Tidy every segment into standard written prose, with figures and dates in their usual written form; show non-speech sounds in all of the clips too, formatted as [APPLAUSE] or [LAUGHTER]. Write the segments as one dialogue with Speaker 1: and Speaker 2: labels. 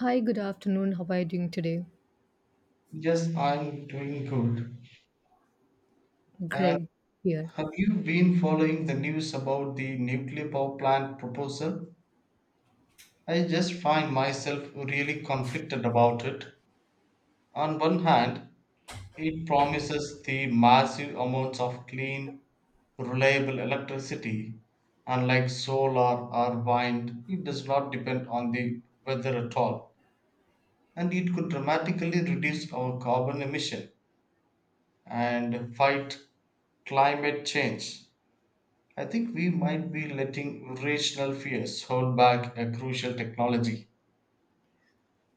Speaker 1: Hi, good afternoon. How are you doing today?
Speaker 2: Yes, I'm doing good. And
Speaker 1: Great. Here.
Speaker 2: have you been following the news about the nuclear power plant proposal? I just find myself really conflicted about it. On one hand, it promises the massive amounts of clean, reliable electricity. Unlike solar or wind, it does not depend on the weather at all. And it could dramatically reduce our carbon emission and fight climate change. I think we might be letting rational fears hold back a crucial technology.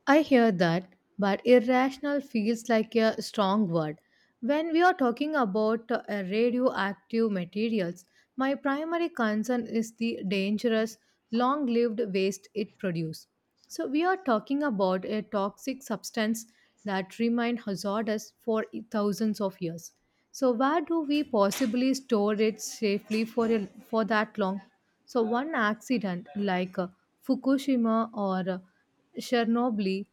Speaker 1: I hear that, but irrational feels like a strong word. When we are talking about radioactive materials, my primary concern is the dangerous, long lived waste it produces. So, we are talking about a toxic substance that remains hazardous for thousands of years. So, where do we possibly store it safely for that long? So, one accident like Fukushima or Chernobyl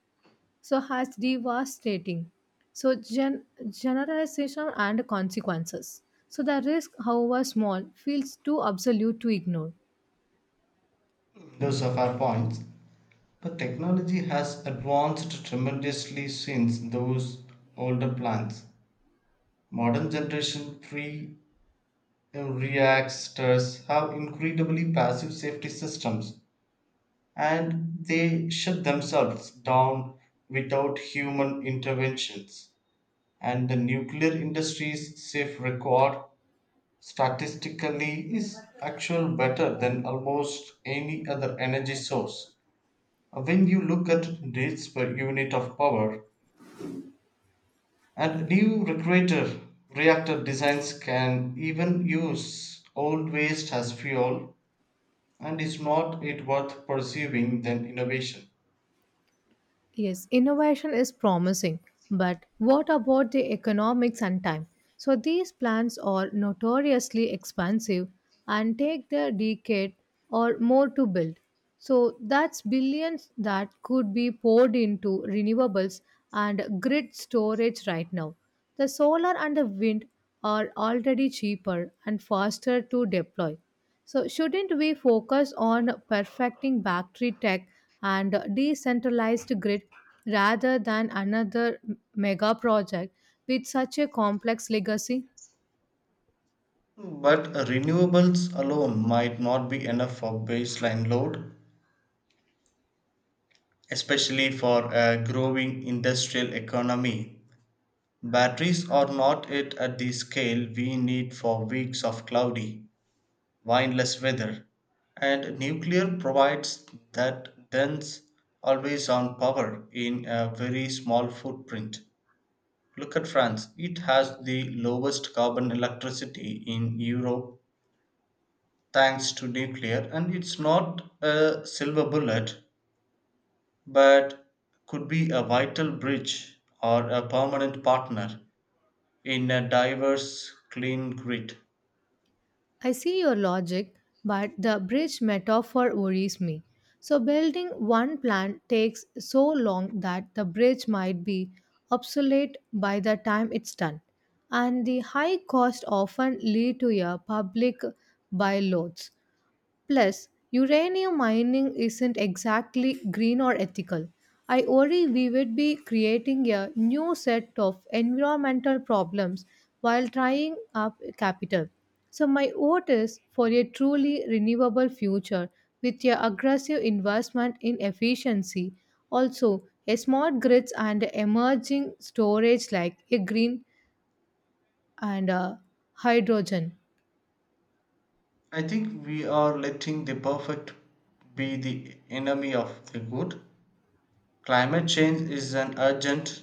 Speaker 1: so has devastating so generalization and consequences. So the risk, however small, feels too absolute to ignore.
Speaker 2: Those are fair points. But technology has advanced tremendously since those older plans. Modern generation pre reactors have incredibly passive safety systems, and they shut themselves down without human interventions. And the nuclear industry's safe record statistically is actually better than almost any other energy source when you look at needs per unit of power, and new reactor designs can even use old waste as fuel. And is not it worth pursuing than innovation?
Speaker 1: Yes, innovation is promising, but what about the economics and time? So these plans are notoriously expensive and take the decade or more to build. So that's billions that could be poured into renewables and grid storage right now. The solar and the wind are already cheaper and faster to deploy. So, shouldn't we focus on perfecting battery tech and decentralized grid rather than another mega project with such a complex legacy?
Speaker 2: But renewables alone might not be enough for baseline load, especially for a growing industrial economy. Batteries are not yet at the scale we need for weeks of cloudy, windless weather, and nuclear provides that dense, always on power in a very small footprint. Look at France, it has the lowest carbon electricity in Europe thanks to nuclear, and it's not a silver bullet, but could be a vital bridge or a permanent partner in a diverse, clean grid.
Speaker 1: I see your logic, but the bridge metaphor worries me. So, building one plant takes so long that the bridge might be obsolete by the time it's done. And the high cost often lead to a public buyloads. Plus, uranium mining isn't exactly green or ethical. I worry we would be creating a new set of environmental problems while tying up capital. So, my vote is for a truly renewable future with your aggressive investment in efficiency. Also, a smart grids and emerging storage like a green and hydrogen.
Speaker 2: I think we are letting the perfect be the enemy of the good. Climate change is an urgent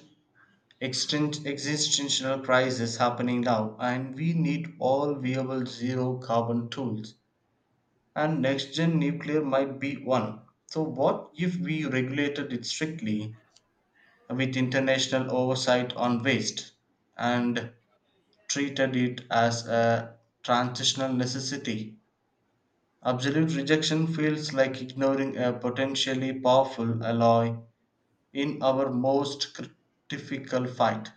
Speaker 2: existential crisis happening now, and we need all viable zero carbon tools. And next gen nuclear might be one. So, what if we regulated it strictly with international oversight on waste and treated it as a transitional necessity? Absolute rejection feels like ignoring a potentially powerful ally in our most critical fight.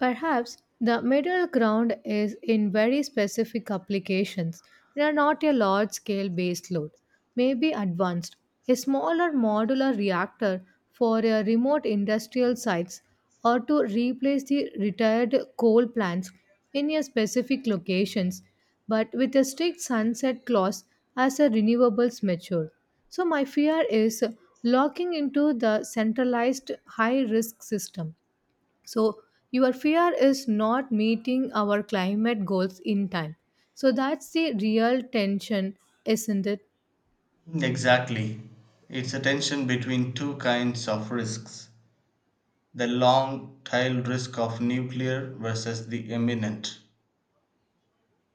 Speaker 1: Perhaps the middle ground is in very specific applications that are not a large scale baseload, maybe advanced. A smaller modular reactor for a remote industrial sites or to replace the retired coal plants in a specific locations but with a strict sunset clause as the renewables mature. So my fear is locking into the centralized high risk system, so your fear is not meeting our climate goals in time. So, that's the real tension, isn't it?
Speaker 2: Exactly. It's a tension between two kinds of risks, the long tail risk of nuclear versus the imminent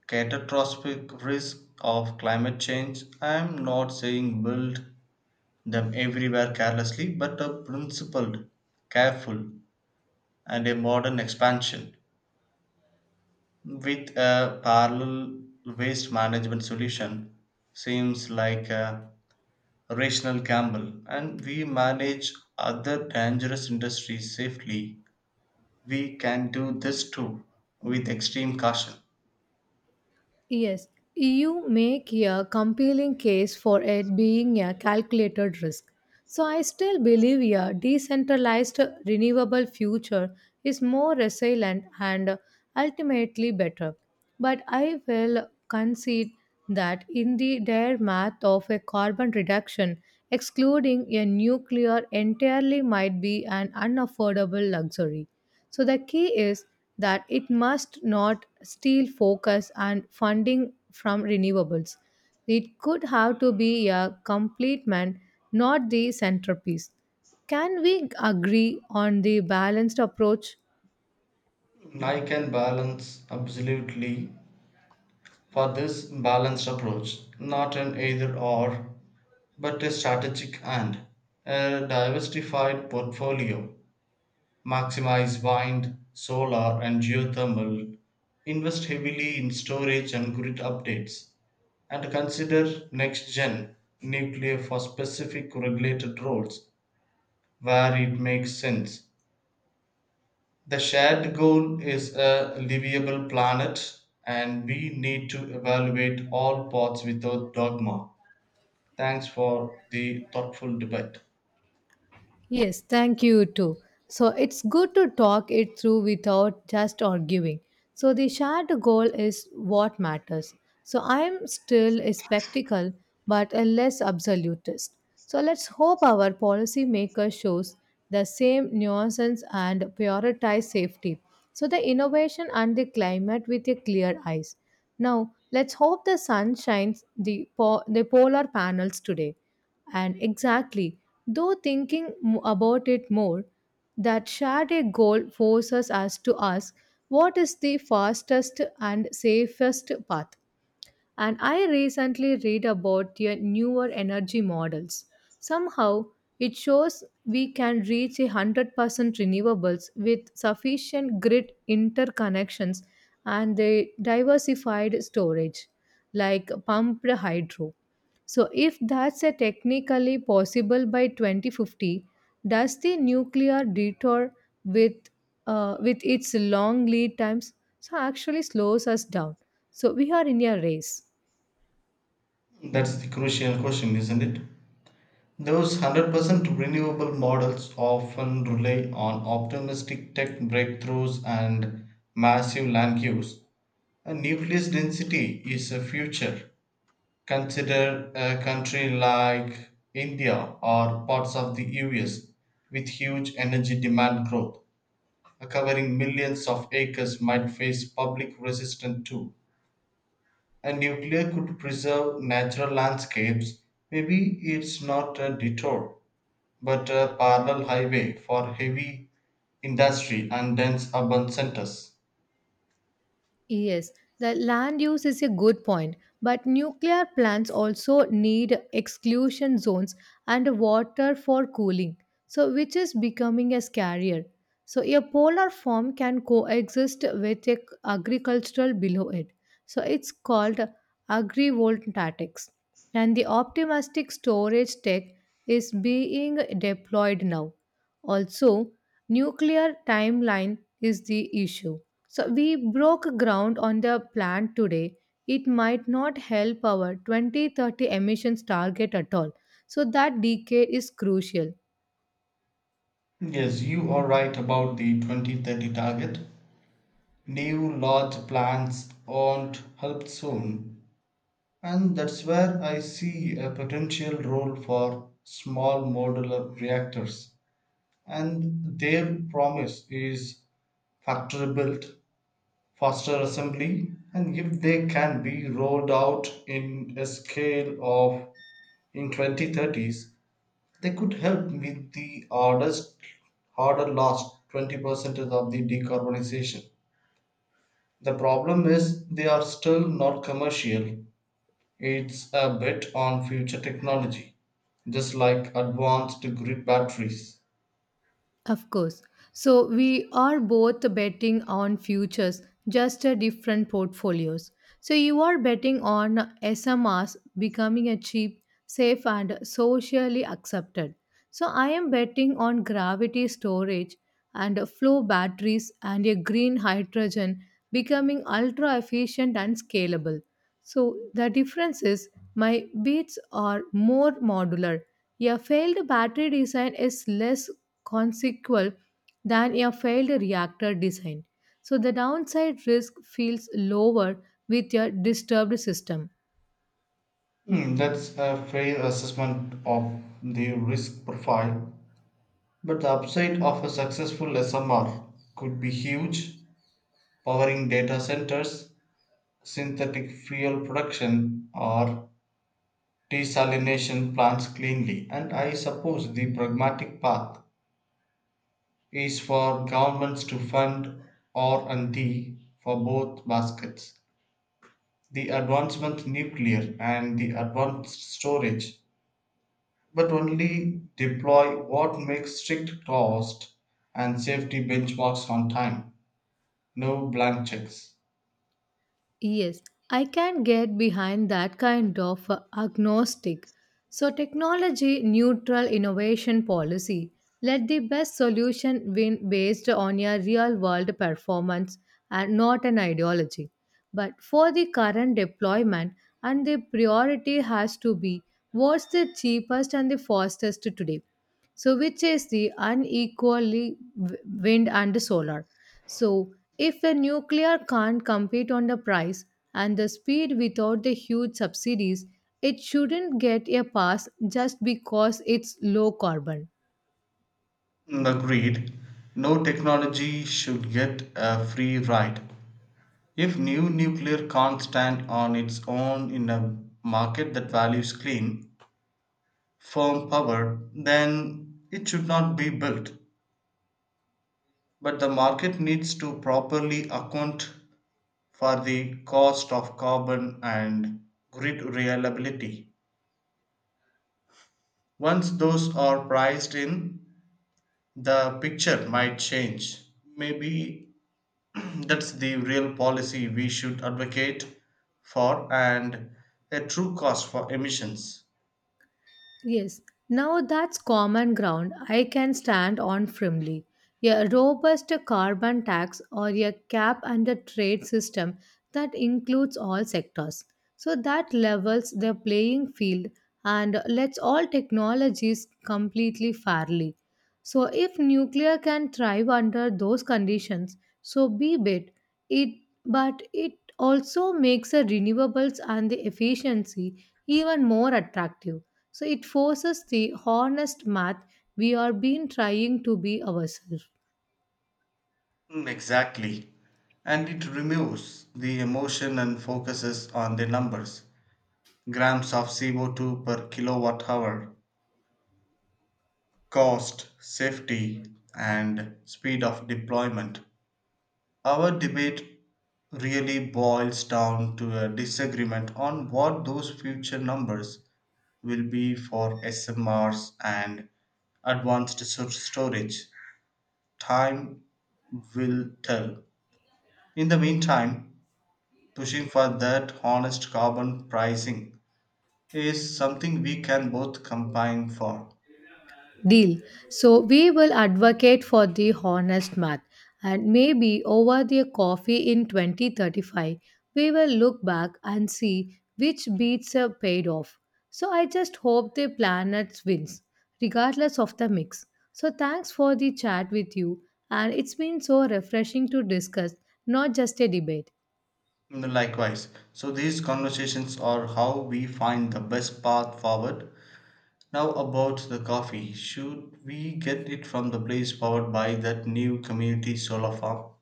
Speaker 2: catastrophic risk of climate change. I'm not saying build them everywhere carelessly, but a principled, careful, and a modern expansion with a parallel waste management solution seems like a rational gamble. And we manage other dangerous industries safely, we can do this too, with extreme caution.
Speaker 1: Yes, you make a compelling case for it being a calculated risk. So I still believe a decentralized renewable future is more resilient and ultimately better. But I will concede that in the dire math of a carbon reduction, excluding a nuclear entirely might be an unaffordable luxury. So the key is that it must not steal focus and funding from renewables. It could have to be a complement, not the centerpiece. Can we agree on the balanced approach?
Speaker 2: I can balance absolutely for this balanced approach, not an either or, but a strategic and a diversified portfolio. Maximize wind, solar, and geothermal, invest heavily in storage and grid updates, and consider next gen nuclear for specific regulated roles where it makes sense. The shared goal is a livable planet, and we need to evaluate all paths without dogma. Thanks for the thoughtful debate.
Speaker 1: Yes, thank you too. So it's good to talk it through without just arguing. So the shared goal is what matters. So I'm still a spectacle, but a less absolutist. So let's hope our policymaker shows the same nuances and prioritize safety. So the innovation and the climate with a clear eyes. Now let's hope the sun shines the, the polar panels today. And exactly, though thinking about it more, that shared a goal forces us to ask what is the fastest and safest path. And I recently read about the newer energy models. Somehow, it shows we can reach a 100% renewables with sufficient grid interconnections and the diversified storage, like pumped hydro, so if that's a technically possible by 2050, does the nuclear detour with with its long lead times so actually slows us down? So we are in a race.
Speaker 2: That's the crucial question, isn't it? Those 100% renewable models often rely on optimistic tech breakthroughs and massive land use. A nucleus density is a future. Consider a country like India or parts of the US with huge energy demand growth. Covering millions of acres might face public resistance too. A nuclear could preserve natural landscapes. Maybe it's not a detour but a parallel highway for heavy industry and dense urban centers.
Speaker 1: Yes, the land use is a good point, but nuclear plants also need exclusion zones and water for cooling, so which is becoming a scarier. So a polar form can coexist with a agricultural below it. So it's called agrivoltaics. And the optimistic storage tech is being deployed now. Also, nuclear timeline is the issue so we broke ground on the plant today. It might not help our 2030 emissions target at all. So that decay is crucial.
Speaker 2: Yes, you are right about the 2030 target. New large plants won't help soon, and that's where I see a potential role for small modular reactors. And their promise is factory built, faster assembly, and if they can be rolled out in a scale of in 2030s, they could help with the harder last 20% of the decarbonization. The problem is they are still not commercial. It's a bet on future technology, just like advanced grid batteries.
Speaker 1: Of course. So we are both betting on futures, just different portfolios. So you are betting on SMRs becoming a cheap, safe, and socially accepted. So I am betting on gravity storage and flow batteries and a green hydrogen becoming ultra efficient and scalable. So the difference is my bits are more modular. A failed battery design is less consequential than a failed reactor design. So the downside risk feels lower with a disturbed system.
Speaker 2: Hmm, that's a fair assessment of the risk profile, but the upside of a successful SMR could be huge, powering data centers, synthetic fuel production, or desalination plants cleanly. And I suppose the pragmatic path is for governments to fund R and D for both baskets, the advancement nuclear and the advanced storage, but only deploy what makes strict cost and safety benchmarks on time, no blank checks.
Speaker 1: Yes, I can get behind that kind of agnostic. So, technology neutral innovation policy. Let the best solution win based on your real world performance and not an ideology. But for the current deployment, and the priority has to be what's the cheapest and the fastest today, so which is the unequally wind and solar, so if the nuclear can't compete on the price and the speed without the huge subsidies, it shouldn't get a pass just because it's low carbon.
Speaker 2: Mm, agreed. No technology should get a free ride. If new nuclear can't stand on its own in a market that values clean, firm power, then it should not be built. But the market needs to properly account for the cost of carbon and grid reliability. Once those are priced in, the picture might change. Maybe [CLEARS THROAT] that's the real policy we should advocate for, and a true cost for emissions.
Speaker 1: Yes, now that's common ground I can stand on firmly. A robust carbon tax or a cap and a trade system that includes all sectors. So that levels the playing field and lets all technologies completely fairly. So, if nuclear can thrive under those conditions, so be it. It but it also makes the renewables and the efficiency even more attractive. So it forces the honest math we are being trying to be ourselves.
Speaker 2: Mm, exactly. And it removes the emotion and focuses on the numbers, grams of CO2 per kilowatt hour, cost, safety, and speed of deployment. Our debate really boils down to a disagreement on what those future numbers will be for SMRs and advanced storage. Time will tell. In the meantime, pushing for that honest carbon pricing is something we can both combine for.
Speaker 1: Deal. So we will advocate for the honest math and maybe over the coffee in 2035 we will look back and see which beats are paid off. So I just hope the planet wins regardless of the mix. So thanks for the chat with you and it's been so refreshing to discuss not just a debate.
Speaker 2: Mm, likewise, so these conversations are how we find the best path forward. Now, about the coffee, should we get it from the place powered by that new community solar farm?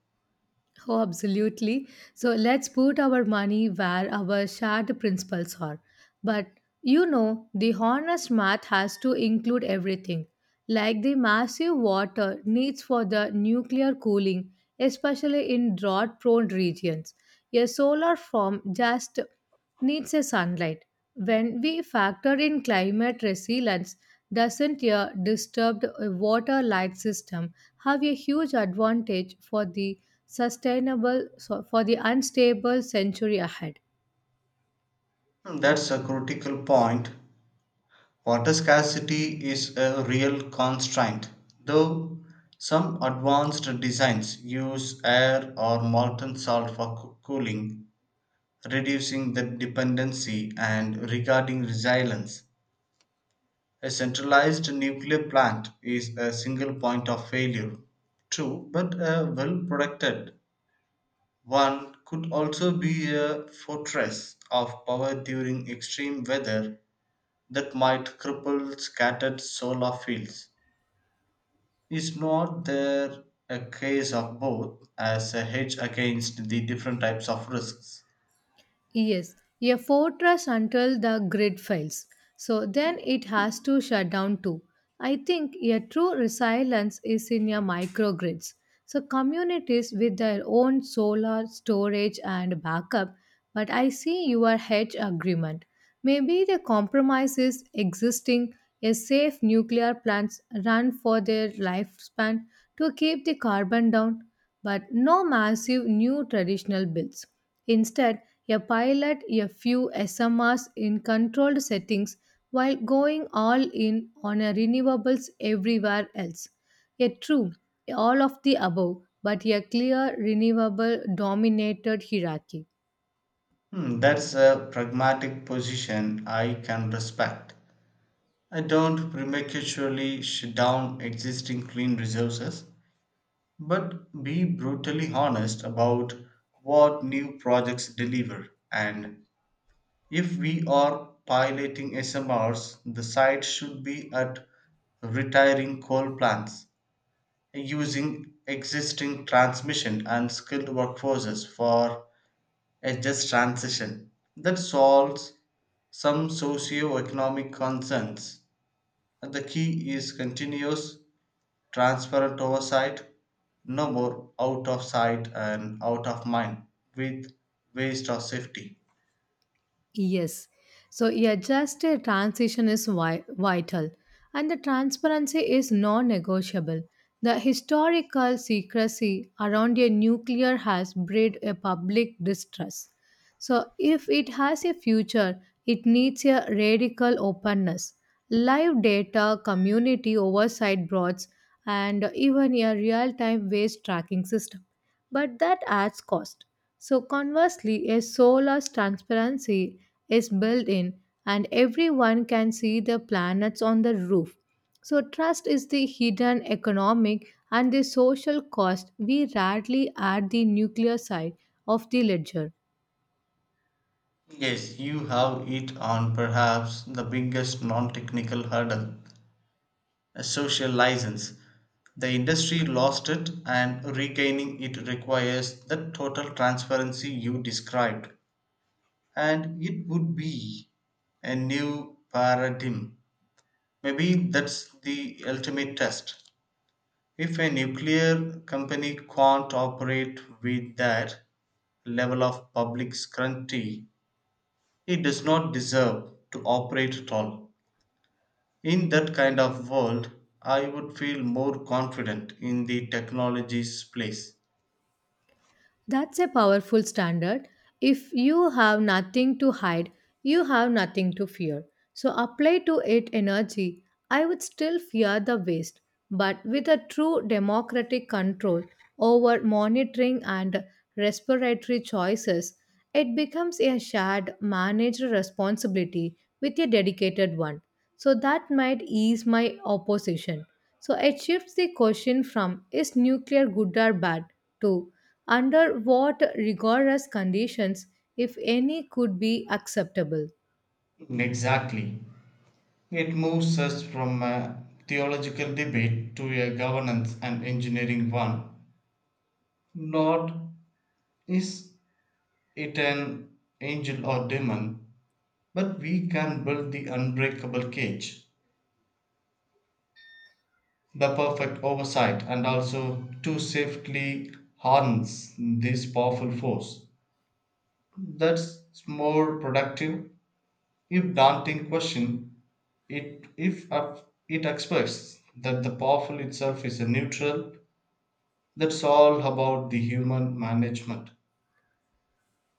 Speaker 1: Oh, absolutely. So let's put our money where our shared principles are. But the honest math has to include everything, like the massive water needs for the nuclear cooling, especially in drought prone regions. A solar farm just needs a sunlight. When we factor in climate resilience, doesn't a disturbed water light system have a huge advantage for the sustainable so for the unstable century ahead?
Speaker 2: Mm, that's a critical point. Water scarcity is a real constraint, though some advanced designs use air or molten salt for cooling, reducing the dependency. And regarding resilience, a centralized nuclear plant is a single point of failure. True, but a well protected one could also be a fortress of power during extreme weather that might cripple scattered solar fields. Is not there a case of both as a hedge against the different types of risks?
Speaker 1: Yes, a fortress until the grid fails. So then it has to shut down too. I think a true resilience is in your microgrids. So communities with their own solar storage and backup. But I see your hedge agreement. Maybe the compromise is existing a safe nuclear plants run for their lifespan to keep the carbon down but no massive new traditional builds. Instead, a pilot a few SMRs in controlled settings while going all in on a renewables everywhere else. Yet true, all of the above, but a clear renewable dominated hierarchy.
Speaker 2: Hmm, that's a pragmatic position I can respect. I don't prematurely shut down existing clean resources, but be brutally honest about what new projects deliver. And if we are piloting SMRs, the site should be at retiring coal plants, using existing transmission and skilled workforces for a just transition that solves some socio-economic concerns. And the key is continuous, transparent oversight, no more out of sight and out of mind with waste or safety.
Speaker 1: Yes. So, yeah, just a transition is vital, and the transparency is non negotiable. The historical secrecy around a nuclear has bred a public distrust. So, if it has a future, it needs a radical openness, live data, community oversight boards, and even a real time waste tracking system. But that adds cost. So, conversely, a solar's transparency is built in and everyone can see the planets on the roof. So, trust is the hidden economic and the social cost we rarely add the nuclear side of the ledger.
Speaker 2: Yes, you have hit on perhaps the biggest non-technical hurdle, a social license. The industry lost it, and regaining it requires the total transparency you described. And it would be a new paradigm. Maybe that's the ultimate test. If a nuclear company can't operate with that level of public scrutiny, it does not deserve to operate at all. In that kind of world, I would feel more confident in the technology's place.
Speaker 1: That's a powerful standard. If you have nothing to hide, you have nothing to fear. So apply to it energy. I would still fear the waste, but with a true democratic control over monitoring and respiratory choices, it becomes a shared manager responsibility with a dedicated one. So that might ease my opposition. So it shifts the question from is nuclear good or bad to under what rigorous conditions, if any, could be acceptable?
Speaker 2: Exactly. It moves us from a theological debate to a governance and engineering one. Not is it an angel or demon, but we can build the unbreakable cage, the perfect oversight, and also to safely harness this powerful force. That's more productive, if daunting question. It if up- it expresses that the powerful itself is a neutral. That's all about the human management.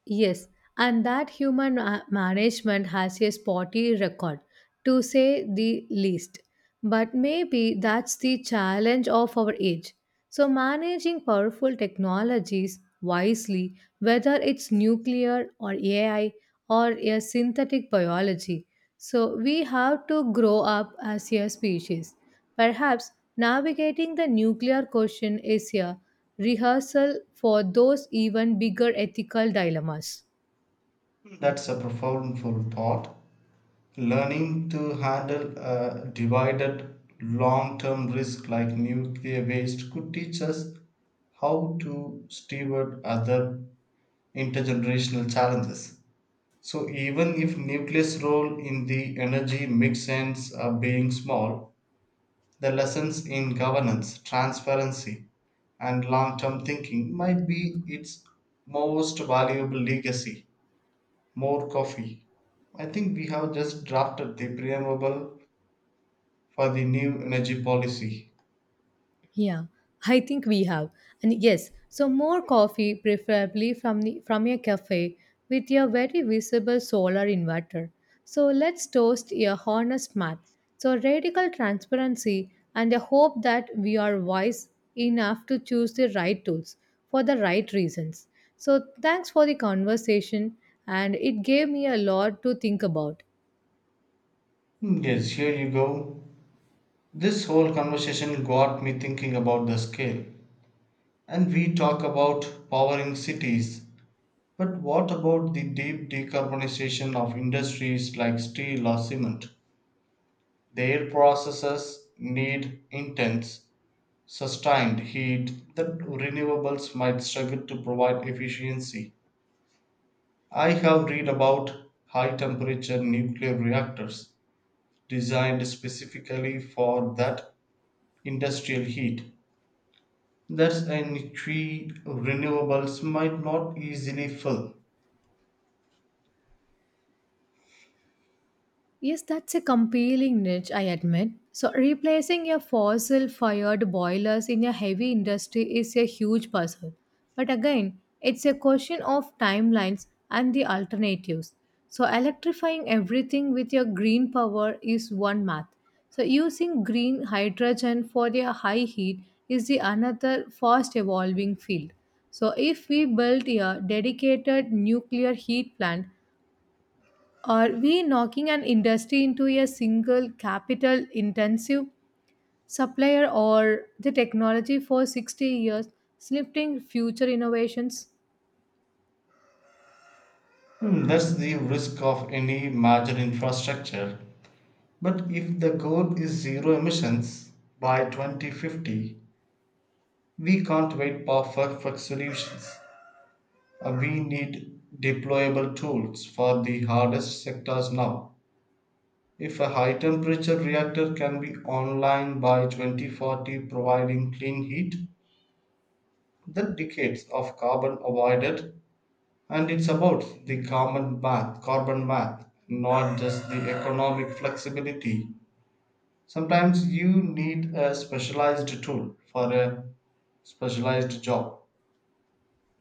Speaker 1: Yes, and that human management has a spotty record, to say the least. But maybe that's the challenge of our age. So, managing powerful technologies wisely, whether it's nuclear or AI or a synthetic biology. So, we have to grow up as a species. Perhaps navigating the nuclear question is a rehearsal for those even bigger ethical dilemmas.
Speaker 2: That's a profound full thought. Learning to handle a divided long term risk like nuclear waste could teach us how to steward other intergenerational challenges. So, even if nuclear's role in the energy mix ends up being small, the lessons in governance, transparency, and long term thinking might be its most valuable legacy. More coffee. I think we have just drafted the preamble for the new energy policy.
Speaker 1: Yeah, I think we have. And yes, so more coffee, preferably from the, from a cafe with a very visible solar inverter. So let's toast a honest math. So radical transparency and a hope that we are wise enough to choose the right tools for the right reasons. So thanks for the conversation and it gave me a lot to think about.
Speaker 2: Hmm, yes, here you go. This whole conversation got me thinking about the scale. And we talk about powering cities, but what about the deep decarbonization of industries like steel or cement? Their processes need intense, sustained heat that renewables might struggle to provide efficiency. I have read about high temperature nuclear reactors designed specifically for that industrial heat. That's a niche renewables might not easily fill.
Speaker 1: Yes, that's a compelling niche, I admit. So, replacing your fossil fired boilers in a heavy industry is a huge puzzle. But again, it's a question of timelines and the alternatives. So, electrifying everything with your green power is one math. So, using green hydrogen for their high heat is the another fast evolving field. So, if we build a dedicated nuclear heat plant, are we knocking an industry into a single capital intensive supplier or the technology for 60 years, slipping future innovations?
Speaker 2: Hmm, that's the risk of any major infrastructure. But if the goal is zero emissions by 2050, we can't wait for perfect solutions. We need deployable tools for the hardest sectors now. If a high temperature reactor can be online by 2040 providing clean heat, then decades of carbon avoided, and it's about the carbon math, not just the economic flexibility. Sometimes you need a specialized tool for a specialized job.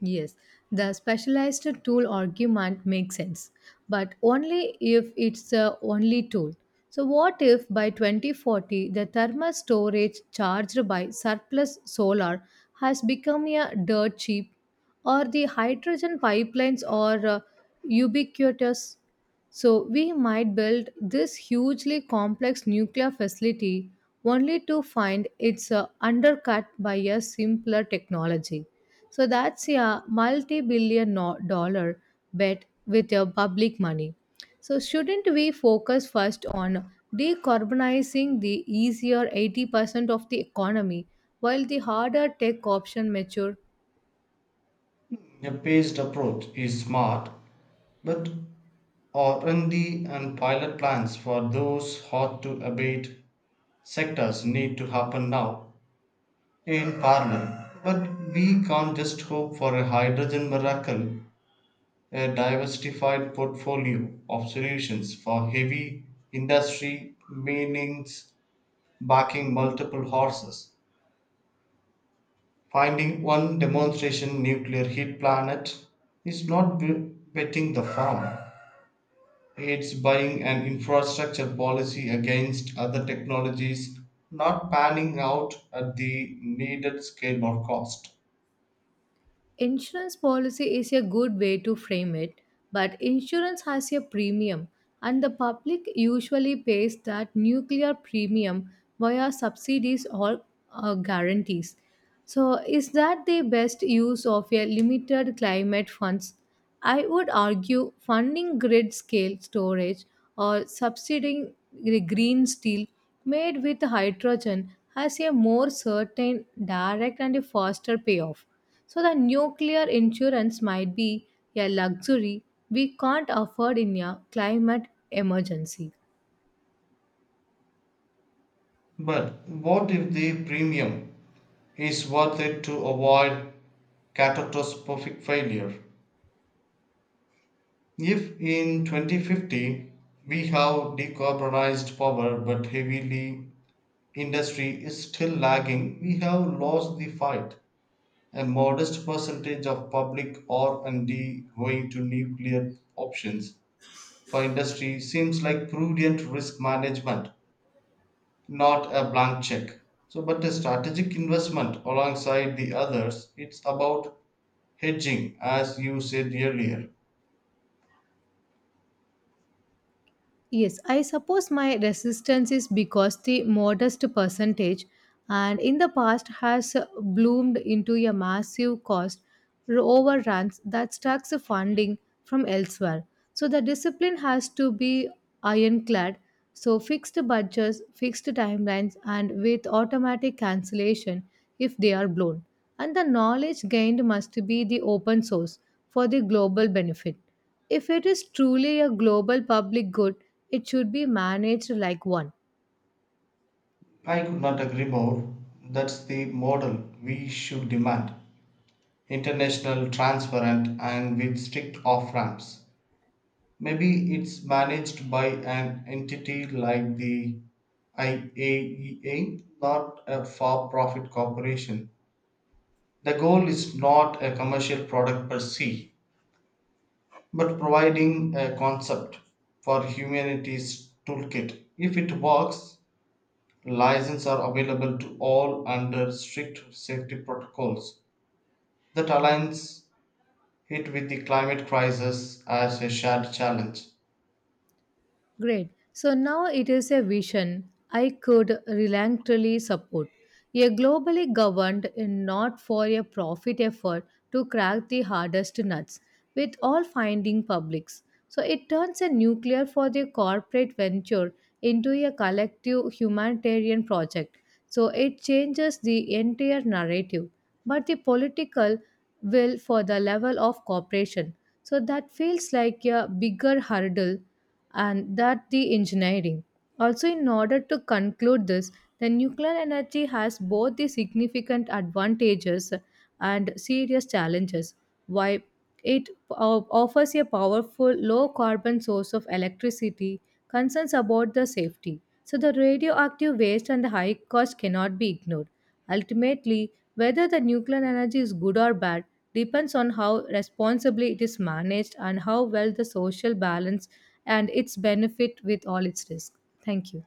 Speaker 1: Yes, the specialized tool argument makes sense, but only if it's the only tool. So, what if by 2040 the thermal storage charged by surplus solar has become a dirt cheap, or the hydrogen pipelines are ubiquitous? So we might build this hugely complex nuclear facility only to find it's undercut by a simpler technology. So that's a multi billion dollar bet with your public money. So shouldn't we focus first on decarbonizing the easier 80% of the economy while the harder tech option mature?
Speaker 2: A phased approach is smart, but R&D and D and pilot plans for those hard to abate sectors need to happen now in parallel. But we can't just hope for a hydrogen miracle. A diversified portfolio of solutions for heavy industry means backing multiple horses. Finding one demonstration nuclear heat planet is not b- betting the farm. It's buying an infrastructure policy against other technologies not panning out at the needed scale or cost.
Speaker 1: Insurance policy is a good way to frame it, but insurance has a premium, and the public usually pays that nuclear premium via subsidies or guarantees. So, is that the best use of a limited climate funds? I would argue funding grid scale storage or subsidizing the green steel made with hydrogen has a more certain, direct, and a faster payoff. So, the nuclear insurance might be a luxury we can't afford in a climate emergency.
Speaker 2: But what if the premium is worth it to avoid catastrophic failure? If in 2050 we have decarbonized power but heavily industry is still lagging, we have lost the fight. A modest percentage of public R&D going to nuclear options for industry seems like prudent risk management, not a blank check. So, but a strategic investment alongside the others, it's about hedging, as you said earlier.
Speaker 1: Yes, I suppose my resistance is because the modest percentage and in the past has bloomed into a massive cost overruns that stacks the funding from elsewhere. So the discipline has to be ironclad. So fixed budgets, fixed timelines, and with automatic cancellation if they are blown. And the knowledge gained must be the open source for the global benefit. If it is truly a global public good, it should be managed like one.
Speaker 2: I could not agree more. That's the model we should demand, international, transparent, and with strict off ramps. Maybe it's managed by an entity like the IAEA, not a for profit corporation. The goal is not a commercial product per se, but providing a concept for humanity's toolkit. If it works, licenses are available to all under strict safety protocols that aligns it with the climate crisis as a shared challenge.
Speaker 1: Great. So now it is a vision I could reluctantly support. A globally governed and not for a profit effort to crack the hardest nuts with all finding publics. So it turns a nuclear for the corporate venture into a collective humanitarian project. So it changes the entire narrative. But the political will for the level of cooperation. So that feels like a bigger hurdle and that the engineering. Also, in order to conclude this, the nuclear energy has both the significant advantages and serious challenges. While it offers a powerful low carbon source of electricity, concerns about the safety. So, the radioactive waste and the high cost cannot be ignored. Ultimately, whether the nuclear energy is good or bad depends on how responsibly it is managed and how well the social balance and its benefit with all its risk. Thank you.